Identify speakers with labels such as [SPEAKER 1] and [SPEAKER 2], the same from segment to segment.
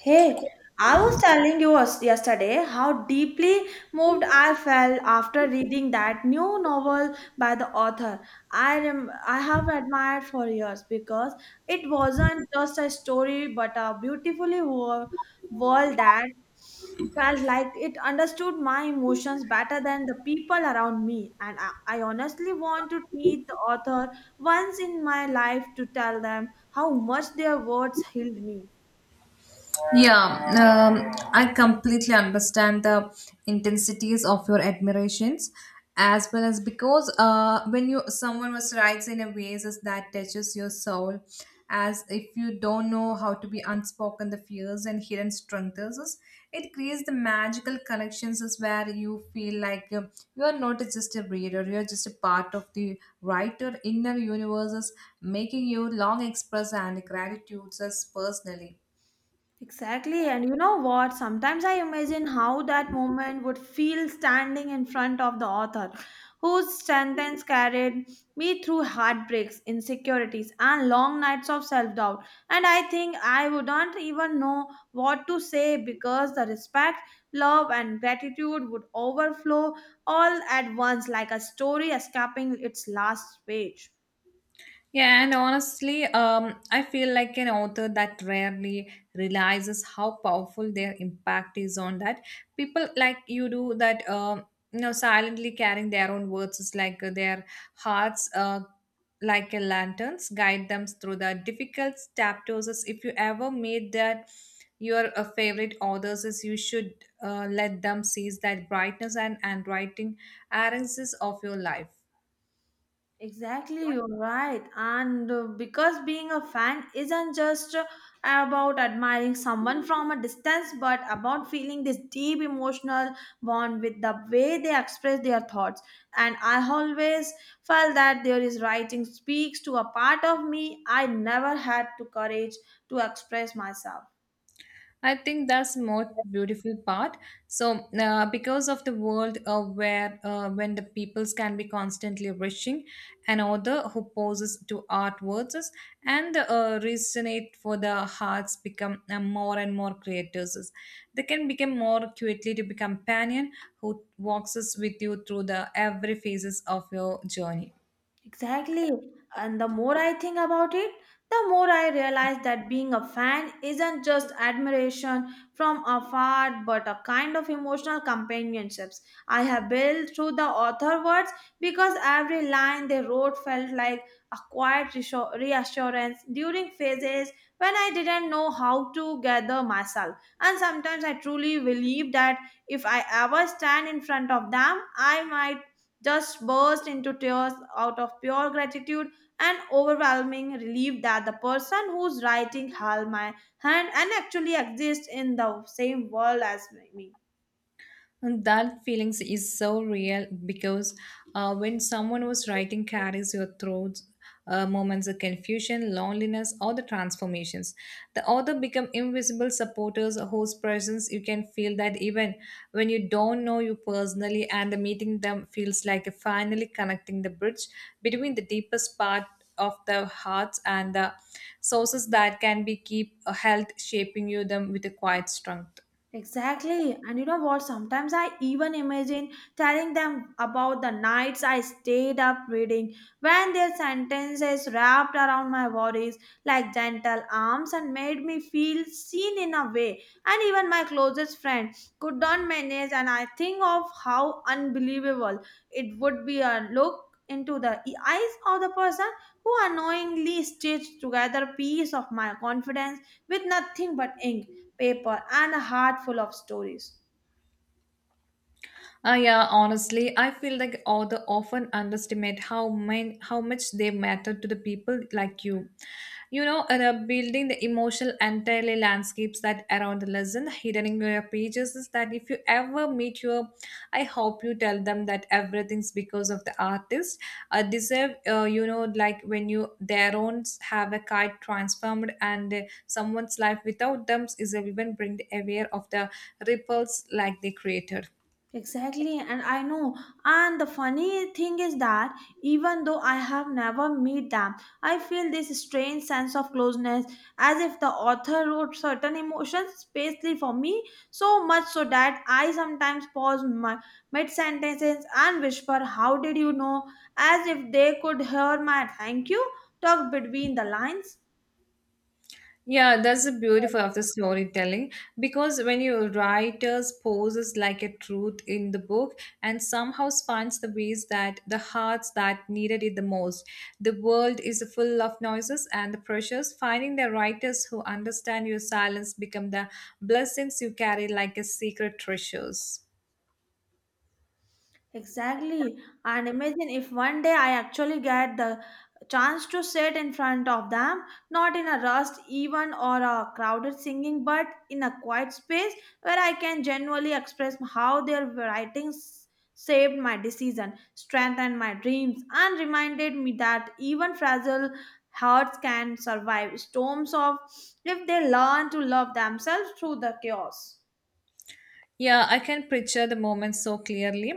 [SPEAKER 1] Hey, I was telling you yesterday how deeply moved I felt after reading that new novel by the author I rem- I have admired for years because it wasn't just a story but a beautifully world that felt like it understood my emotions better than the people around me, and I honestly want to meet the author once in my life to tell them how much their words healed me.
[SPEAKER 2] Yeah, I completely understand the intensities of your admirations, as well as because when you someone was writes in a ways as that touches your soul, as if you don't know how to be unspoken the fears and hidden strengths, it creates the magical connections is where you feel like you are not just a reader, you are just a part of the writer inner universes, making you long express and gratitudes as personally.
[SPEAKER 1] Exactly. And you know what? Sometimes I imagine how that moment would feel standing in front of the author, whose sentence carried me through heartbreaks, insecurities, and long nights of self doubt. And I think I wouldn't even know what to say because the respect, love, and gratitude would overflow all at once like a story escaping its last page.
[SPEAKER 2] Yeah, and honestly, I feel like an author that rarely realizes how powerful their impact is on that people like you do that you know silently carrying their own words is like their hearts like a lanterns guide them through the difficult chapters. As if you ever made that your favorite authors, is you should let them seize that brightness and writing errands of your life.
[SPEAKER 1] Exactly, you're right. And because being a fan isn't just about admiring someone from a distance, but about feeling this deep emotional bond with the way they express their thoughts. And I always felt that there is writing speaks to a part of me I never had the courage to express myself.
[SPEAKER 2] I think that's most beautiful part. So, because of the world where when the peoples can be constantly rushing, an author who poses to art verses and resonate for the hearts become more and more creators. They can become more quickly to be companion who walks us with you through the every phases of your journey.
[SPEAKER 1] Exactly. And the more I think about it, the more I realize that being a fan isn't just admiration from afar, but a kind of emotional companionships I have built through the author words, because every line they wrote felt like a quiet reassurance during phases when I didn't know how to gather myself. And sometimes I truly believe that if I ever stand in front of them, I might just burst into tears out of pure gratitude and overwhelming relief that the person who's writing held my hand and actually exists in the same world as me.
[SPEAKER 2] And that feelings is so real because when someone was writing carries your throats moments of confusion, loneliness, or the transformations. The author become invisible supporters whose presence you can feel that even when you don't know you personally, and the meeting them feels like a finally connecting the bridge between the deepest part of the hearts and the sources that can be keep health shaping you them with a quiet strength.
[SPEAKER 1] Exactly. And you know what? Sometimes I even imagine telling them about the nights I stayed up reading when their sentences wrapped around my worries like gentle arms and made me feel seen in a way. And even my closest friend could not manage. And I think of how unbelievable it would be a look into the eyes of the person who unknowingly stitched together piece of my confidence with nothing but ink paper, and a heart full of stories.
[SPEAKER 2] Yeah, honestly, I feel like author often underestimate how much they matter to the people like you. You know, and building the emotional entirely landscapes that around the lesson hidden in your pages is that if you ever meet your, I hope you tell them that everything's because of the artist. Deserve, you know, like when you their own have a kite transformed and someone's life without them is even bring the aware of the ripples like they created.
[SPEAKER 1] Exactly, and I know. And the funny thing is that even though I have never met them, I feel this strange sense of closeness as if the author wrote certain emotions specially for me, so much so that I sometimes pause my mid sentences and whisper, "How did you know?" as if they could hear my thank you talk between the lines.
[SPEAKER 2] Yeah, that's the beautiful of the storytelling because when your writers poses like a truth in the book and somehow finds the ways that the hearts that needed it the most. The world is full of noises and the pressures. Finding the writers who understand your silence become the blessings you carry like a secret treasures.
[SPEAKER 1] Exactly. And imagine if one day I actually get the chance to sit in front of them, not in a rushed even or a crowded singing, but in a quiet space where I can genuinely express how their writings saved my decision, strengthened my dreams, and reminded me that even fragile hearts can survive storms of if they learn to love themselves through the chaos.
[SPEAKER 2] Yeah, I can picture the moment so clearly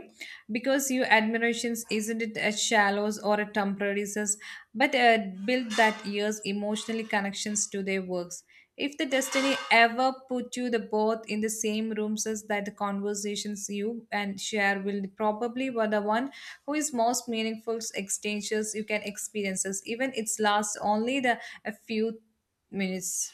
[SPEAKER 2] because your admirations isn't it a shallows or a temporary sense, but build that years emotionally connections to their works. If the destiny ever put you the both in the same rooms as that the conversations you and share will probably were the one who is most meaningful exchanges you can experiences even it's last only the a few minutes.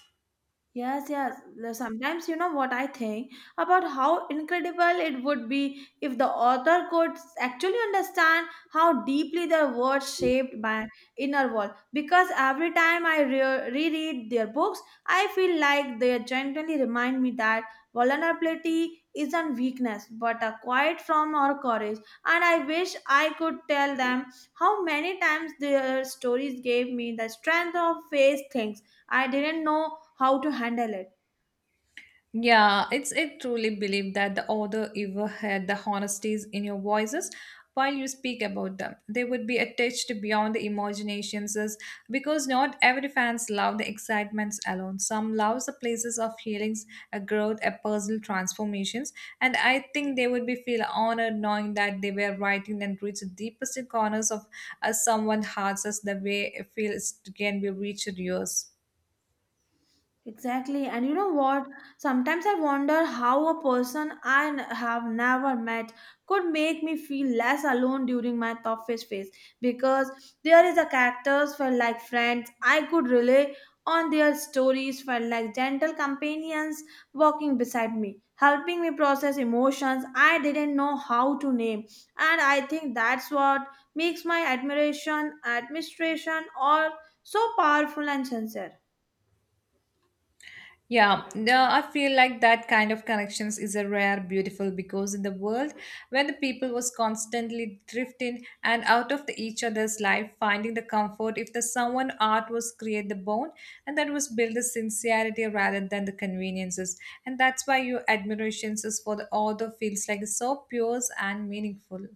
[SPEAKER 1] Yes, yes. Sometimes you know what I think about how incredible it would be if the author could actually understand how deeply their words shaped my inner world. Because every time I reread their books, I feel like they gently remind me that vulnerability isn't weakness but a quiet form or courage. And I wish I could tell them how many times their stories gave me the strength of face things I didn't know how to handle it.
[SPEAKER 2] Yeah, it's I truly believe that the author ever had the honesties in your voices while you speak about them. They would be attached beyond the imaginations, because not every fans love the excitements alone. Some loves the places of healings, a growth, a puzzle transformations. And I think they would be feel honored knowing that they were writing and reach the deepest corners of someone's hearts as the way it feels can be reached yours.
[SPEAKER 1] Exactly. And you know what? Sometimes I wonder how a person have never met could make me feel less alone during my toughest phase, because there is a characters felt like friends. I could rely on their stories felt like gentle companions walking beside me, helping me process emotions I didn't know how to name. And I think that's what makes my administration or so powerful and sincere.
[SPEAKER 2] Yeah, no, I feel like that kind of connections is a rare beautiful because in the world where the people was constantly drifting and out of the each other's life, finding the comfort if the someone art was create the bond and that was build the sincerity rather than the conveniences. And that's why your admirations is for the author feels like so pure and meaningful.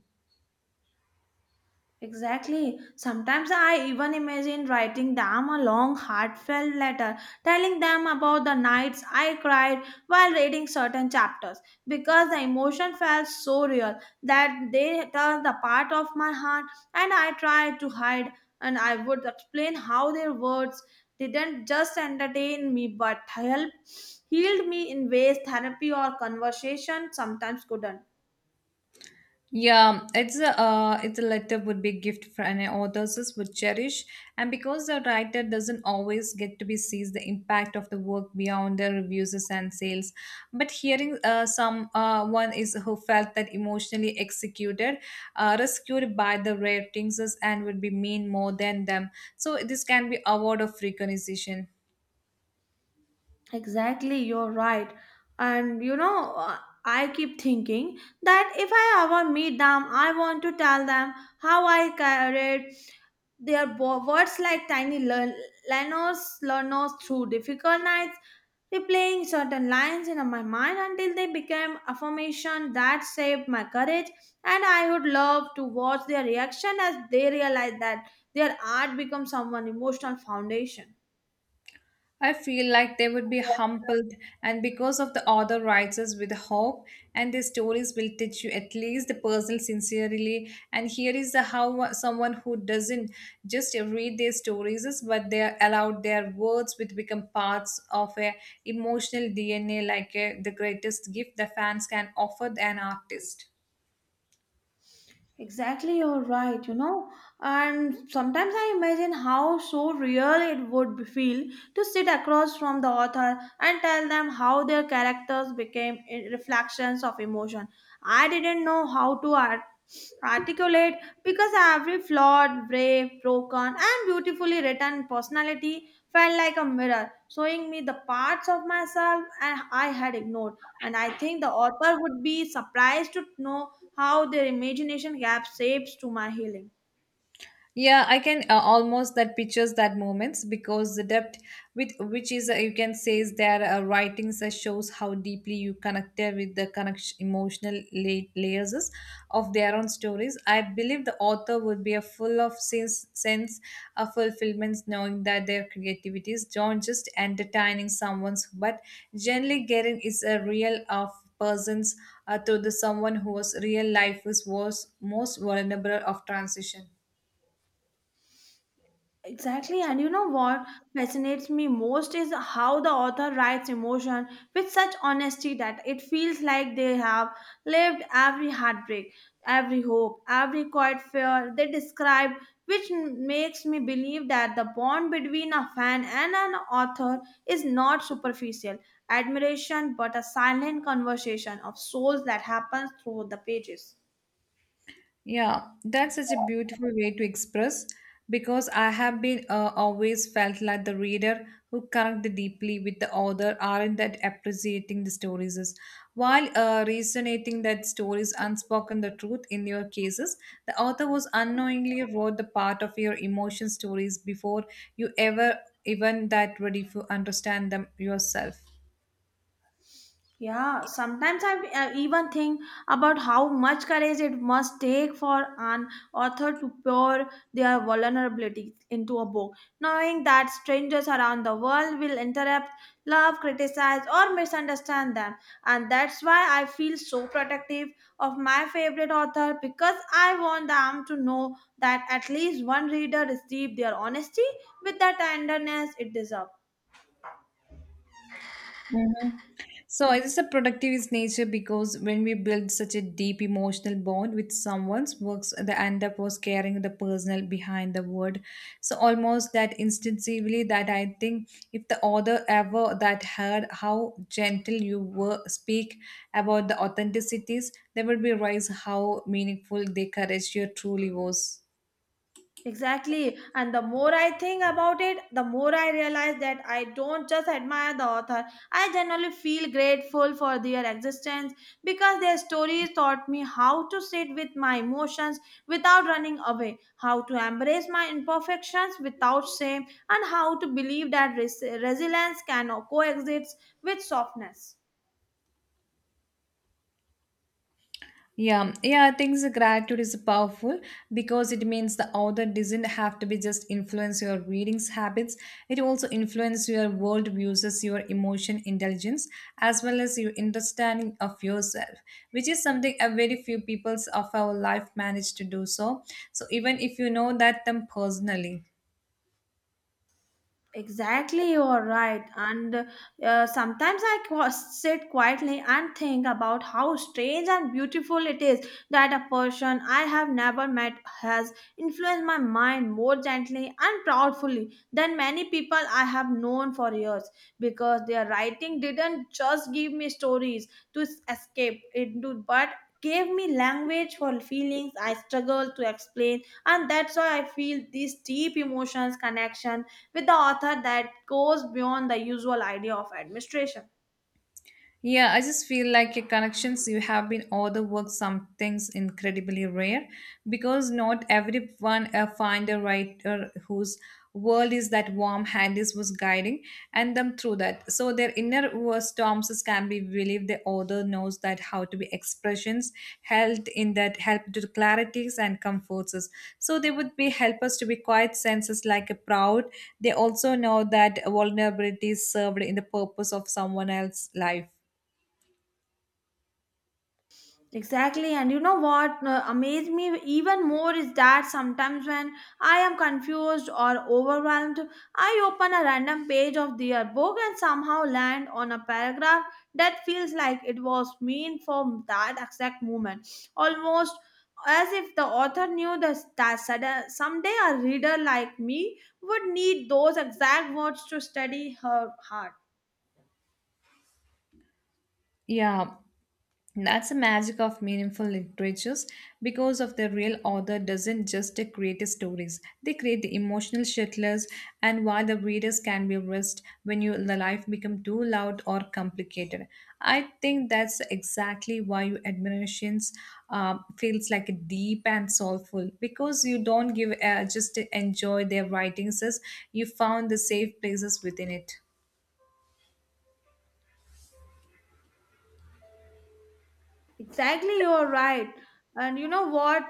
[SPEAKER 1] Exactly. Sometimes I even imagine writing them a long, heartfelt letter, telling them about the nights I cried while reading certain chapters, because the emotion felt so real that they touched the part of my heart and I tried to hide. And I would explain how their words didn't just entertain me but help healed me in ways therapy or conversation sometimes couldn't.
[SPEAKER 2] Yeah, it's a letter would be a gift for an authors would cherish, and because the writer doesn't always get to be sees the impact of the work beyond the reviews and sales, but hearing some one is who felt that emotionally executed, rescued by the ratings and would be mean more than them. So this can be award of recognition.
[SPEAKER 1] Exactly, you're right. And you know, I keep thinking that if I ever meet them, I want to tell them how I carried their words like tiny learners through difficult nights, replaying certain lines in my mind until they became affirmation that saved my courage. And I would love to watch their reaction as they realize that their art becomes someone emotional foundation.
[SPEAKER 2] I feel like they would be humbled, and because of the author writes us with hope, and their stories will touch you at least the person sincerely. And here is the how someone who doesn't just read their stories, is, but they are allowed their words which become parts of a emotional DNA, like the greatest gift the fans can offer an artist.
[SPEAKER 1] Exactly, you're right, you know. And sometimes I imagine how so real feel to sit across from the author and tell them how their characters became reflections of emotion I didn't know how to articulate, because every flawed, brave, broken, and beautifully written personality felt like a mirror, showing me the parts of myself and I had ignored. And I think the author would be surprised to know how their imagination gap shapes to my healing.
[SPEAKER 2] Yeah, I can almost that pictures that moments because the depth with which is you can say is their writings that shows how deeply you connected with the connection emotional layers is of their own stories. I believe the author would be a full of sense of fulfillments knowing that their creativity is not just entertaining someone's but generally getting is a real of persons to the someone whose real life is was most vulnerable of transition.
[SPEAKER 1] Exactly, and you know what fascinates me most is how the author writes emotion with such honesty that it feels like they have lived every heartbreak, every hope, every quiet fear they describe, which makes me believe that the bond between a fan and an author is not superficial admiration but a silent conversation of souls that happens through the pages.
[SPEAKER 2] Yeah, that's such a beautiful way to express because I have been always felt like the reader who connect deeply with the author aren't that appreciating the stories is. While resonating that stories unspoken the truth in your cases, the author was unknowingly wrote the part of your emotion stories before you ever even that ready to understand them yourself.
[SPEAKER 1] Yeah, sometimes I even think about how much courage it must take for an author to pour their vulnerability into a book, knowing that strangers around the world will interrupt, love, criticize, or misunderstand them. And that's why I feel so protective of my favorite author, because I want them to know that at least one reader received their honesty with the tenderness it deserves.
[SPEAKER 2] Mhm. So it is a productive is nature because when we build such a deep emotional bond with someone's works, the end up was carrying the personal behind the word. So almost that instinctively that I think if the author ever that heard how gentle you were speak about the authenticities, they would be realize how meaningful the courage you truly was.
[SPEAKER 1] Exactly. And the more I think about it, the more I realize that I don't just admire the author. I generally feel grateful for their existence because their stories taught me how to sit with my emotions without running away, how to embrace my imperfections without shame, and how to believe that resilience can coexist with softness.
[SPEAKER 2] Yeah, yeah, I think the gratitude is powerful because it means the author doesn't have to be just influence your readings habits. It also influences your world views, your emotion intelligence, as well as your understanding of yourself, which is something a very few peoples of our life manage to do so. So even if you know that them personally.
[SPEAKER 1] Exactly, you're right. And sometimes sit quietly and think about how strange and beautiful it is that a person I have never met has influenced my mind more gently and proudly than many people I have known for years. Because their writing didn't just give me stories escape into, but gave me language for feelings I struggle to explain. And that's why I feel these deep emotions connection with the author that goes beyond the usual idea of administration.
[SPEAKER 2] Yeah, I just feel like your connections you have been all the work some things incredibly rare because not everyone find a writer whose world is that warm Handis was guiding and them through that. So their inner was storms can be believed the author knows that how to be expressions held in that help to clarities and comforts us. So they would be help us to be quiet senses like a proud. They also know that vulnerability is served in the purpose of someone else's life.
[SPEAKER 1] Exactly, and you know what amazed me even more is that sometimes when I am confused or overwhelmed, I open a random page of their book and somehow land on a paragraph that feels like it was meant for that exact moment, almost as if the author knew that, that sudden, someday a reader like me would need those exact words to steady her heart.
[SPEAKER 2] Yeah, that's the magic of meaningful literatures because of the real author doesn't just create stories they create emotional shitlers and while the readers can be risked when you the life become too loud or complicated. I think that's exactly why your admirations feels like deep and soulful because you don't give just enjoy their writings as you found the safe places within it.
[SPEAKER 1] Exactly, you're right. And you know what?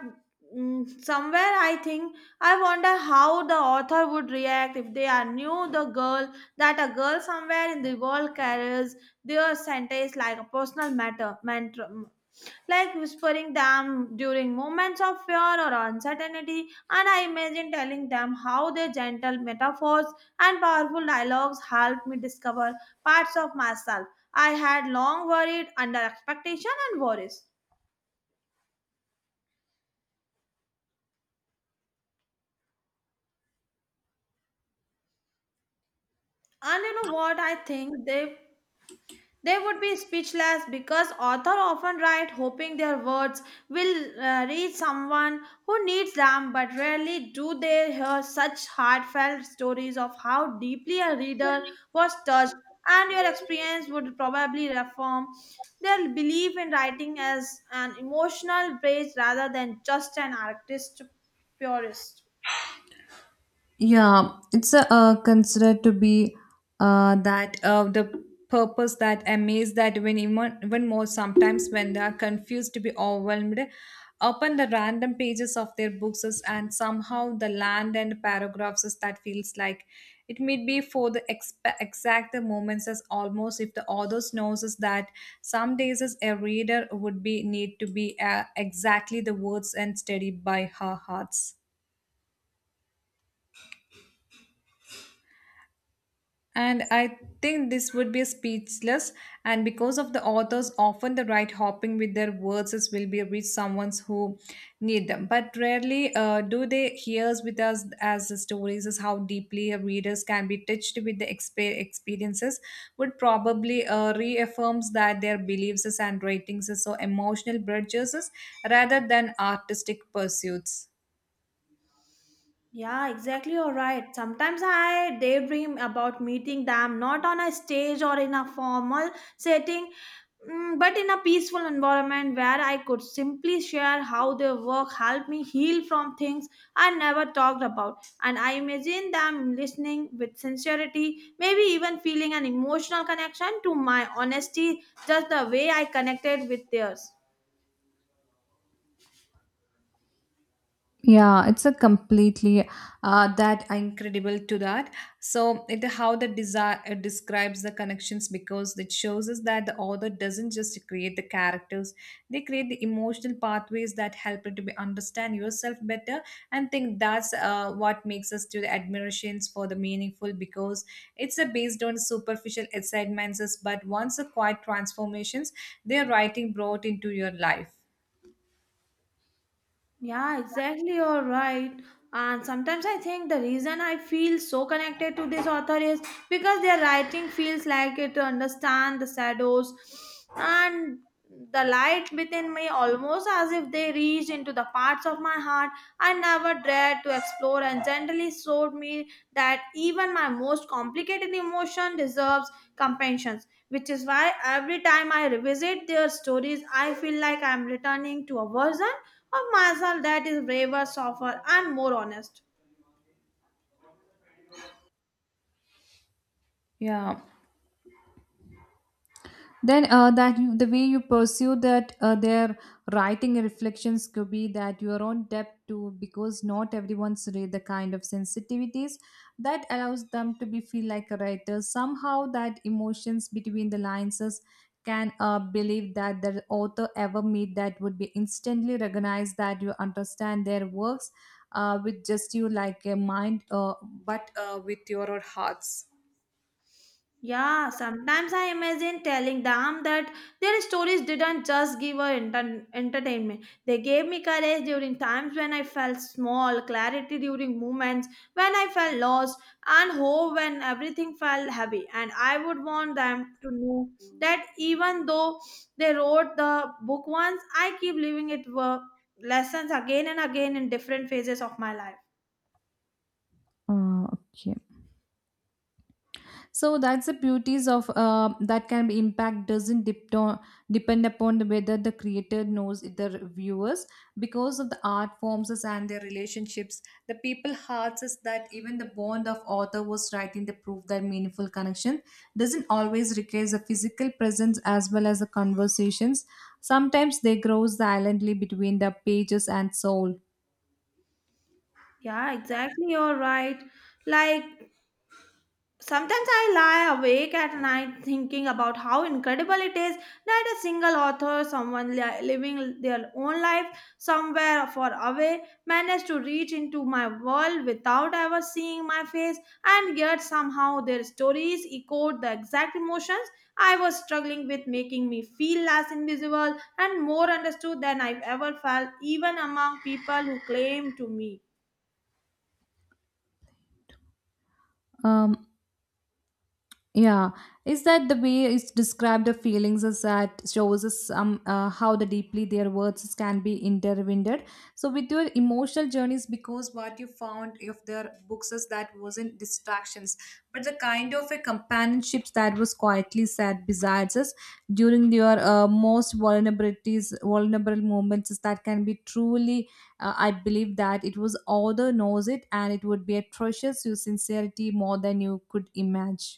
[SPEAKER 1] Somewhere I think I wonder how the author would react if they are knew the girl that a girl somewhere in the world carries their sentence like a personal matter mantra, like whispering them during moments of fear or uncertainty, and I imagine telling them how their gentle metaphors and powerful dialogues helped me discover parts of myself I had long worried under expectation and worries. And you know what I think they would be speechless, because authors often write hoping their words will reach someone who needs them, but rarely do they hear such heartfelt stories of how deeply a reader was touched, and your experience would probably reform their belief in writing as an emotional base rather than just an artist purist.
[SPEAKER 2] Yeah, considered to be that the purpose that amaze that when even more sometimes when they are confused to be overwhelmed, open the random pages of their books and somehow the land and paragraphs is that feels like it may be for the exact the moments as almost if the author knows is that some days as a reader would be need to be exactly the words and studied by her hearts. And I think this would be speechless, and because of the authors, often the right hopping with their words is will be reach someone who need them. But rarely do they hears with us as the stories is how deeply readers can be touched with the experiences would probably reaffirms that their beliefs is and writings is so emotional bridges is rather than artistic pursuits.
[SPEAKER 1] Yeah, exactly. You're right. Sometimes I daydream about meeting them not on a stage or in a formal setting, but in a peaceful environment where I could simply share how their work helped me heal from things I never talked about. And I imagine them listening with sincerity, maybe even feeling an emotional connection to my honesty, just the way I connected with theirs.
[SPEAKER 2] Yeah, it's a completely that incredible to that. So it how the desire it describes the connections because it shows us that the author doesn't just create the characters; they create the emotional pathways that help you to be understand yourself better. And think that's what makes us to the admirations for the meaningful because it's a based on superficial excitements, but once a quiet transformations their writing brought into your life.
[SPEAKER 1] Yeah, exactly. You're right. And sometimes I think the reason I feel so connected to this author is because their writing feels like it to understand the shadows and the light within me, almost as if they reached into the parts of my heart I never dared to explore and gently showed me that even my most complicated emotion deserves compassion. Which is why every time I revisit their stories, I feel like I'm returning to a version of myself that is braver, softer, and more honest.
[SPEAKER 2] Yeah, then that you, the way you pursue that their writing and reflections could be that your own depth too because not everyone's read the kind of sensitivities that allows them to be feel like a writer somehow that emotions between the lines, can believe that the author ever meet that would be instantly recognized that you understand their works with just you like a mind but with your own hearts.
[SPEAKER 1] Yeah, sometimes I imagine telling them that their stories didn't just give her entertainment. They gave me courage during times when I felt small, clarity during moments when I felt lost, and hope when everything felt heavy. And I would want them to know that even though they wrote the book once, I keep living it lessons again and again in different phases of my life.
[SPEAKER 2] Okay. So that's the beauties of that can be impact doesn't depend upon the whether the creator knows the viewers, because of the art forms is and their relationships. The people hearts is that even the bond of author was writing the proof that meaningful connection doesn't always requires a physical presence as well as the conversations. Sometimes they grow silently between the pages and soul.
[SPEAKER 1] Yeah, exactly. You're right. Like sometimes I lie awake at night thinking about how incredible it is that a single author, someone living their own life somewhere far away, managed to reach into my world without ever seeing my face, and yet somehow their stories echoed the exact emotions I was struggling with, making me feel less invisible and more understood than I've ever felt, even among people who claim to me.
[SPEAKER 2] Um, Yeah, is that the way it's described the feelings is that shows us some how the deeply their words can be intertwined. So with your emotional journeys, because what you found of their books is that wasn't distractions, but the kind of a companionship that was quietly said besides us during your most vulnerable moments is that can be truly. I believe that it was author knows it, and it would be atrocious your sincerity more than you could imagine.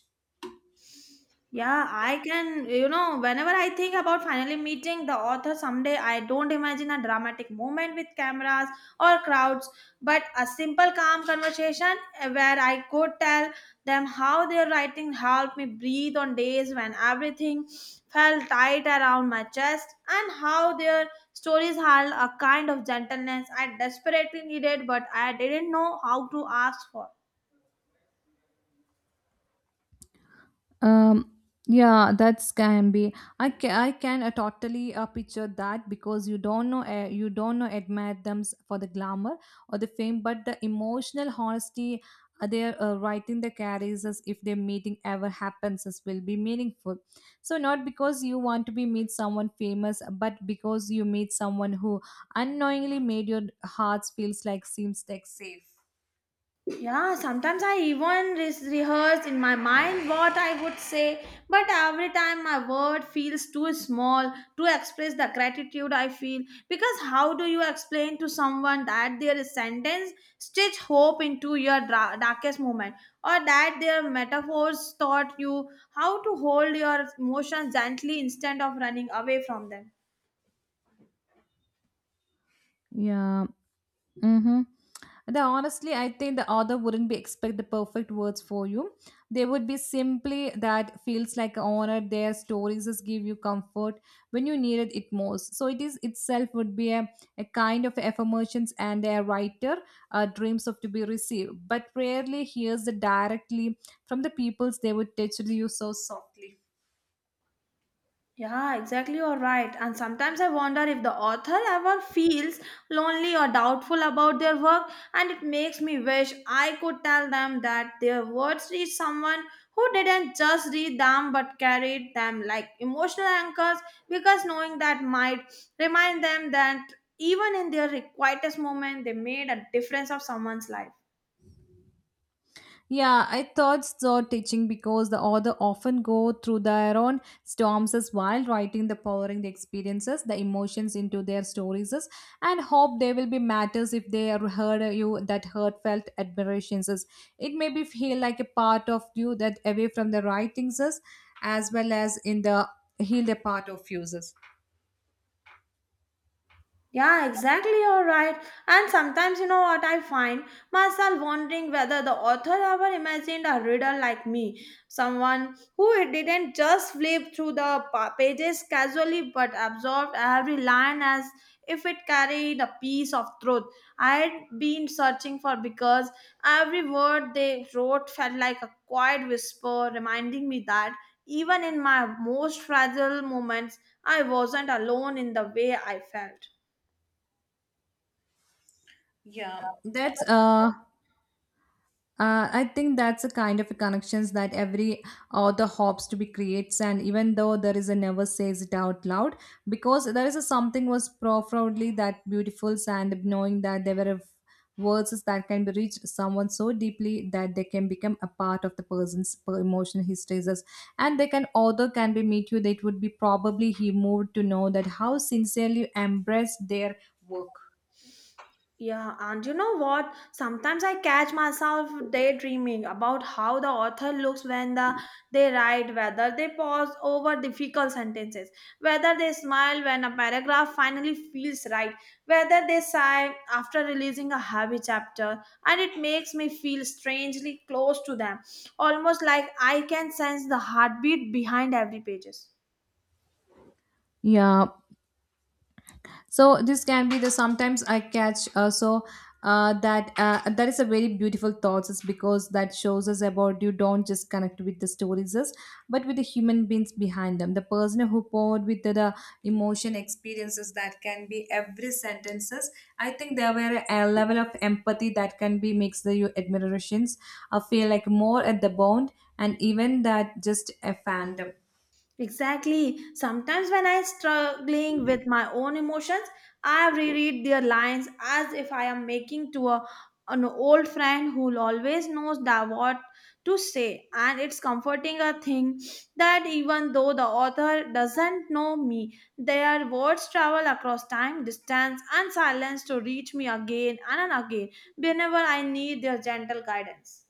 [SPEAKER 1] Yeah, I can, you know, whenever I think about finally meeting the author someday, I don't imagine a dramatic moment with cameras or crowds, but a simple, calm conversation where I could tell them how their writing helped me breathe on days when everything felt tight around my chest and how their stories held a kind of gentleness I desperately needed, but I didn't know how to ask for.
[SPEAKER 2] Um, yeah, that's can be. I can totally picture that because you don't know admire them for the glamour or the fame, but the emotional honesty they're writing the carries as if their meeting ever happens as will be meaningful. So not because you want to be meet someone famous, but because you meet someone who unknowingly made your hearts feels like seems like safe.
[SPEAKER 1] Yeah, sometimes I even rehearse in my mind what I would say, but every time my word feels too small to express the gratitude I feel. Because how do you explain to someone that their sentence stitch hope into your darkest moment, or that their metaphors taught you how to hold your emotions gently instead of running away from them?
[SPEAKER 2] Yeah. Mm-hmm. The honestly, I think the author wouldn't be expect the perfect words for you. They would be simply that feels like an honor. Their stories just give you comfort when you needed it most. So it is itself would be a kind of affirmations and their writer dreams of to be received, but rarely hears the directly from the peoples they would touch you so softly.
[SPEAKER 1] Yeah, exactly. You're right. And sometimes I wonder if the author ever feels lonely or doubtful about their work, and it makes me wish I could tell them that their words reach someone who didn't just read them but carried them like emotional anchors, because knowing that might remind them that even in their quietest moment, they made a difference of someone's life.
[SPEAKER 2] Yeah, I thought so teaching because the author often go through their own storms as while writing the pouring the experiences, the emotions into their stories as, and hope they will be matters if they are heard you that heartfelt admirations. As. It may be feel like a part of you that away from the writings as well as in the heal a part of uses.
[SPEAKER 1] Yeah, exactly, you're right. And sometimes, you know what, I find myself wondering whether the author ever imagined a reader like me, someone who didn't just flip through the pages casually but absorbed every line as if it carried a piece of truth I'd been searching for because every word they wrote felt like a quiet whisper reminding me that even in my most fragile moments, I wasn't alone in the way I felt.
[SPEAKER 2] Yeah, that's I think that's a kind of a connections that every author hopes to be creates, and even though there is a never says it out loud, because there is a something was profoundly that beautiful, and knowing that there were words that can be reached someone so deeply that they can become a part of the emotional histories, as and they can author can be meet you. That would be probably he moved to know that how sincerely embrace their work.
[SPEAKER 1] Yeah, and you know what? Sometimes I catch myself daydreaming about how the author looks when they write, whether they pause over difficult sentences, whether they smile when a paragraph finally feels right, whether they sigh after releasing a heavy chapter, and it makes me feel strangely close to them, almost like I can sense the heartbeat behind every pages.
[SPEAKER 2] Yeah, so this can be the sometimes I catch so that that is a very beautiful thoughts is because that shows us about you don't just connect with the stories us but with the human beings behind them, the person who poured with the emotion experiences that can be every sentences. I think there were a level of empathy that can be makes the your admirations feel like more at the bond and even that just a fandom.
[SPEAKER 1] Exactly. Sometimes when I'm struggling with my own emotions, I reread their lines as if I am making to a, an old friend who always knows that what to say. And it's comforting a thing that even though the author doesn't know me, their words travel across time, distance, and silence to reach me again and again whenever I need their gentle guidance.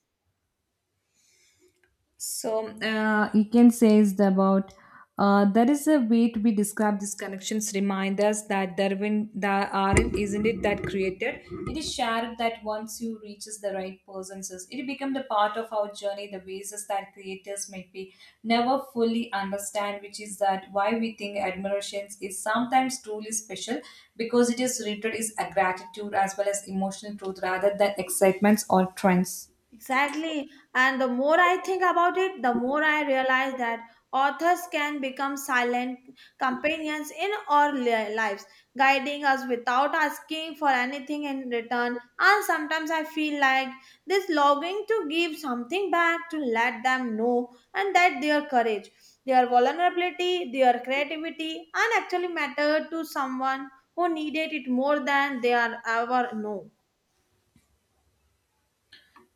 [SPEAKER 2] So you can say is the about there is a way to be described these connections remind us that there when there aren't isn't it that created it is shared that once you reaches the right persons it become the part of our journey the basis that creators might be never fully understand, which is that why we think admirations is sometimes truly special because it is rooted is a gratitude as well as emotional truth rather than excitements or trends.
[SPEAKER 1] Exactly. And the more I think about it, the more I realize that authors can become silent companions in our lives, guiding us without asking for anything in return. And sometimes I feel like this longing to give something back to let them know and that their courage, their vulnerability, their creativity, and actually matter to someone who needed it more than they are ever know.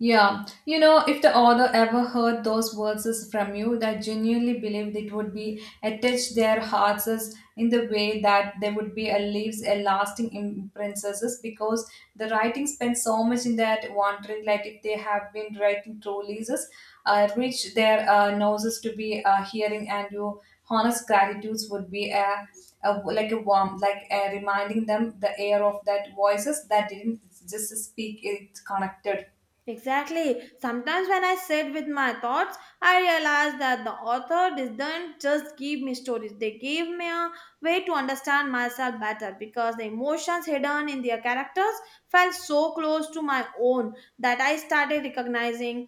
[SPEAKER 2] Yeah, you know, if the author ever heard those verses from you, that genuinely believe it would be attached their hearts as in the way that they would be a leaves a lasting imprint as is, because the writing spends so much in that wondering like if they have been writing truly as is, reach their noses to be hearing and your honest gratitudes would be a like a warm like reminding them the air of that voices that didn't just speak it connected.
[SPEAKER 1] Exactly. Sometimes when I sit with my thoughts, I realize that the author didn't just give me stories, they gave me a way to understand myself better because the emotions hidden in their characters felt so close to my own that I started recognizing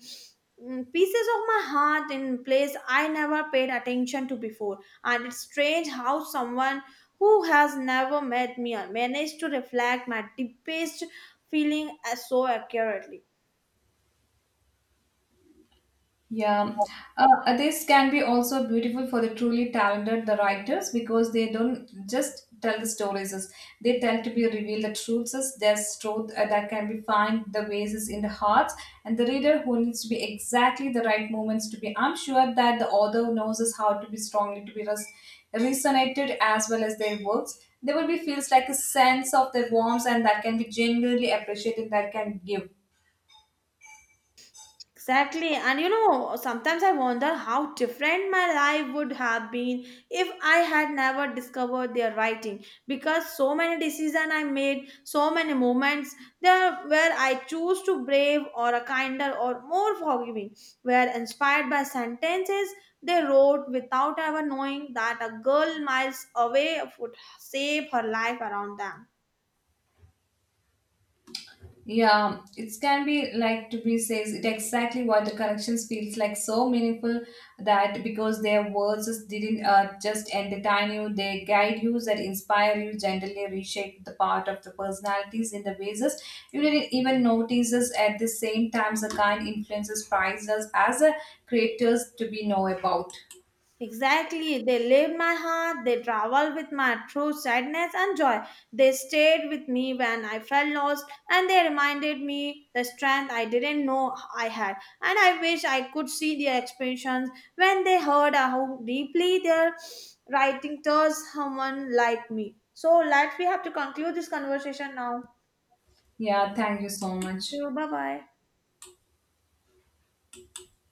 [SPEAKER 1] pieces of my heart in place I never paid attention to before. And it's strange how someone who has never met me managed to reflect my deepest feeling as so accurately.
[SPEAKER 2] Yeah, this can be also beautiful for the truly talented the writers because they don't just tell the stories; is they tell to be reveal the truths, is there's truth that can be find the ways is in the hearts, and the reader who needs to be exactly the right moments to be. I'm sure that the author knows is how to be strongly to be resonated as well as their works. There will be feels like a sense of their warmth, and that can be genuinely appreciated. That can give.
[SPEAKER 1] Exactly. And you know, sometimes I wonder how different my life would have been if I had never discovered their writing. Because so many decisions I made, so many moments there where I choose to brave or a kinder or more forgiving were inspired by sentences they wrote without ever knowing that a girl miles away would save her life around them.
[SPEAKER 2] Yeah, it can be like Dubri says, it exactly what the connections feels like so meaningful that because their words just didn't just entertain you, they guide you, that inspire you, gently reshape the part of the personalities in the ways that you didn't even notice. Us At the same time, the kind influences prizes us as a creators to be know about.
[SPEAKER 1] Exactly. They lived my heart, they traveled with my true sadness and joy. They stayed with me when I felt lost, and they reminded me the strength I didn't know I had. And I wish I could see their expressions when they heard how deeply their writing touched someone like me. So, let's we have to conclude this conversation now.
[SPEAKER 2] Yeah, thank you so much.
[SPEAKER 1] Bye bye.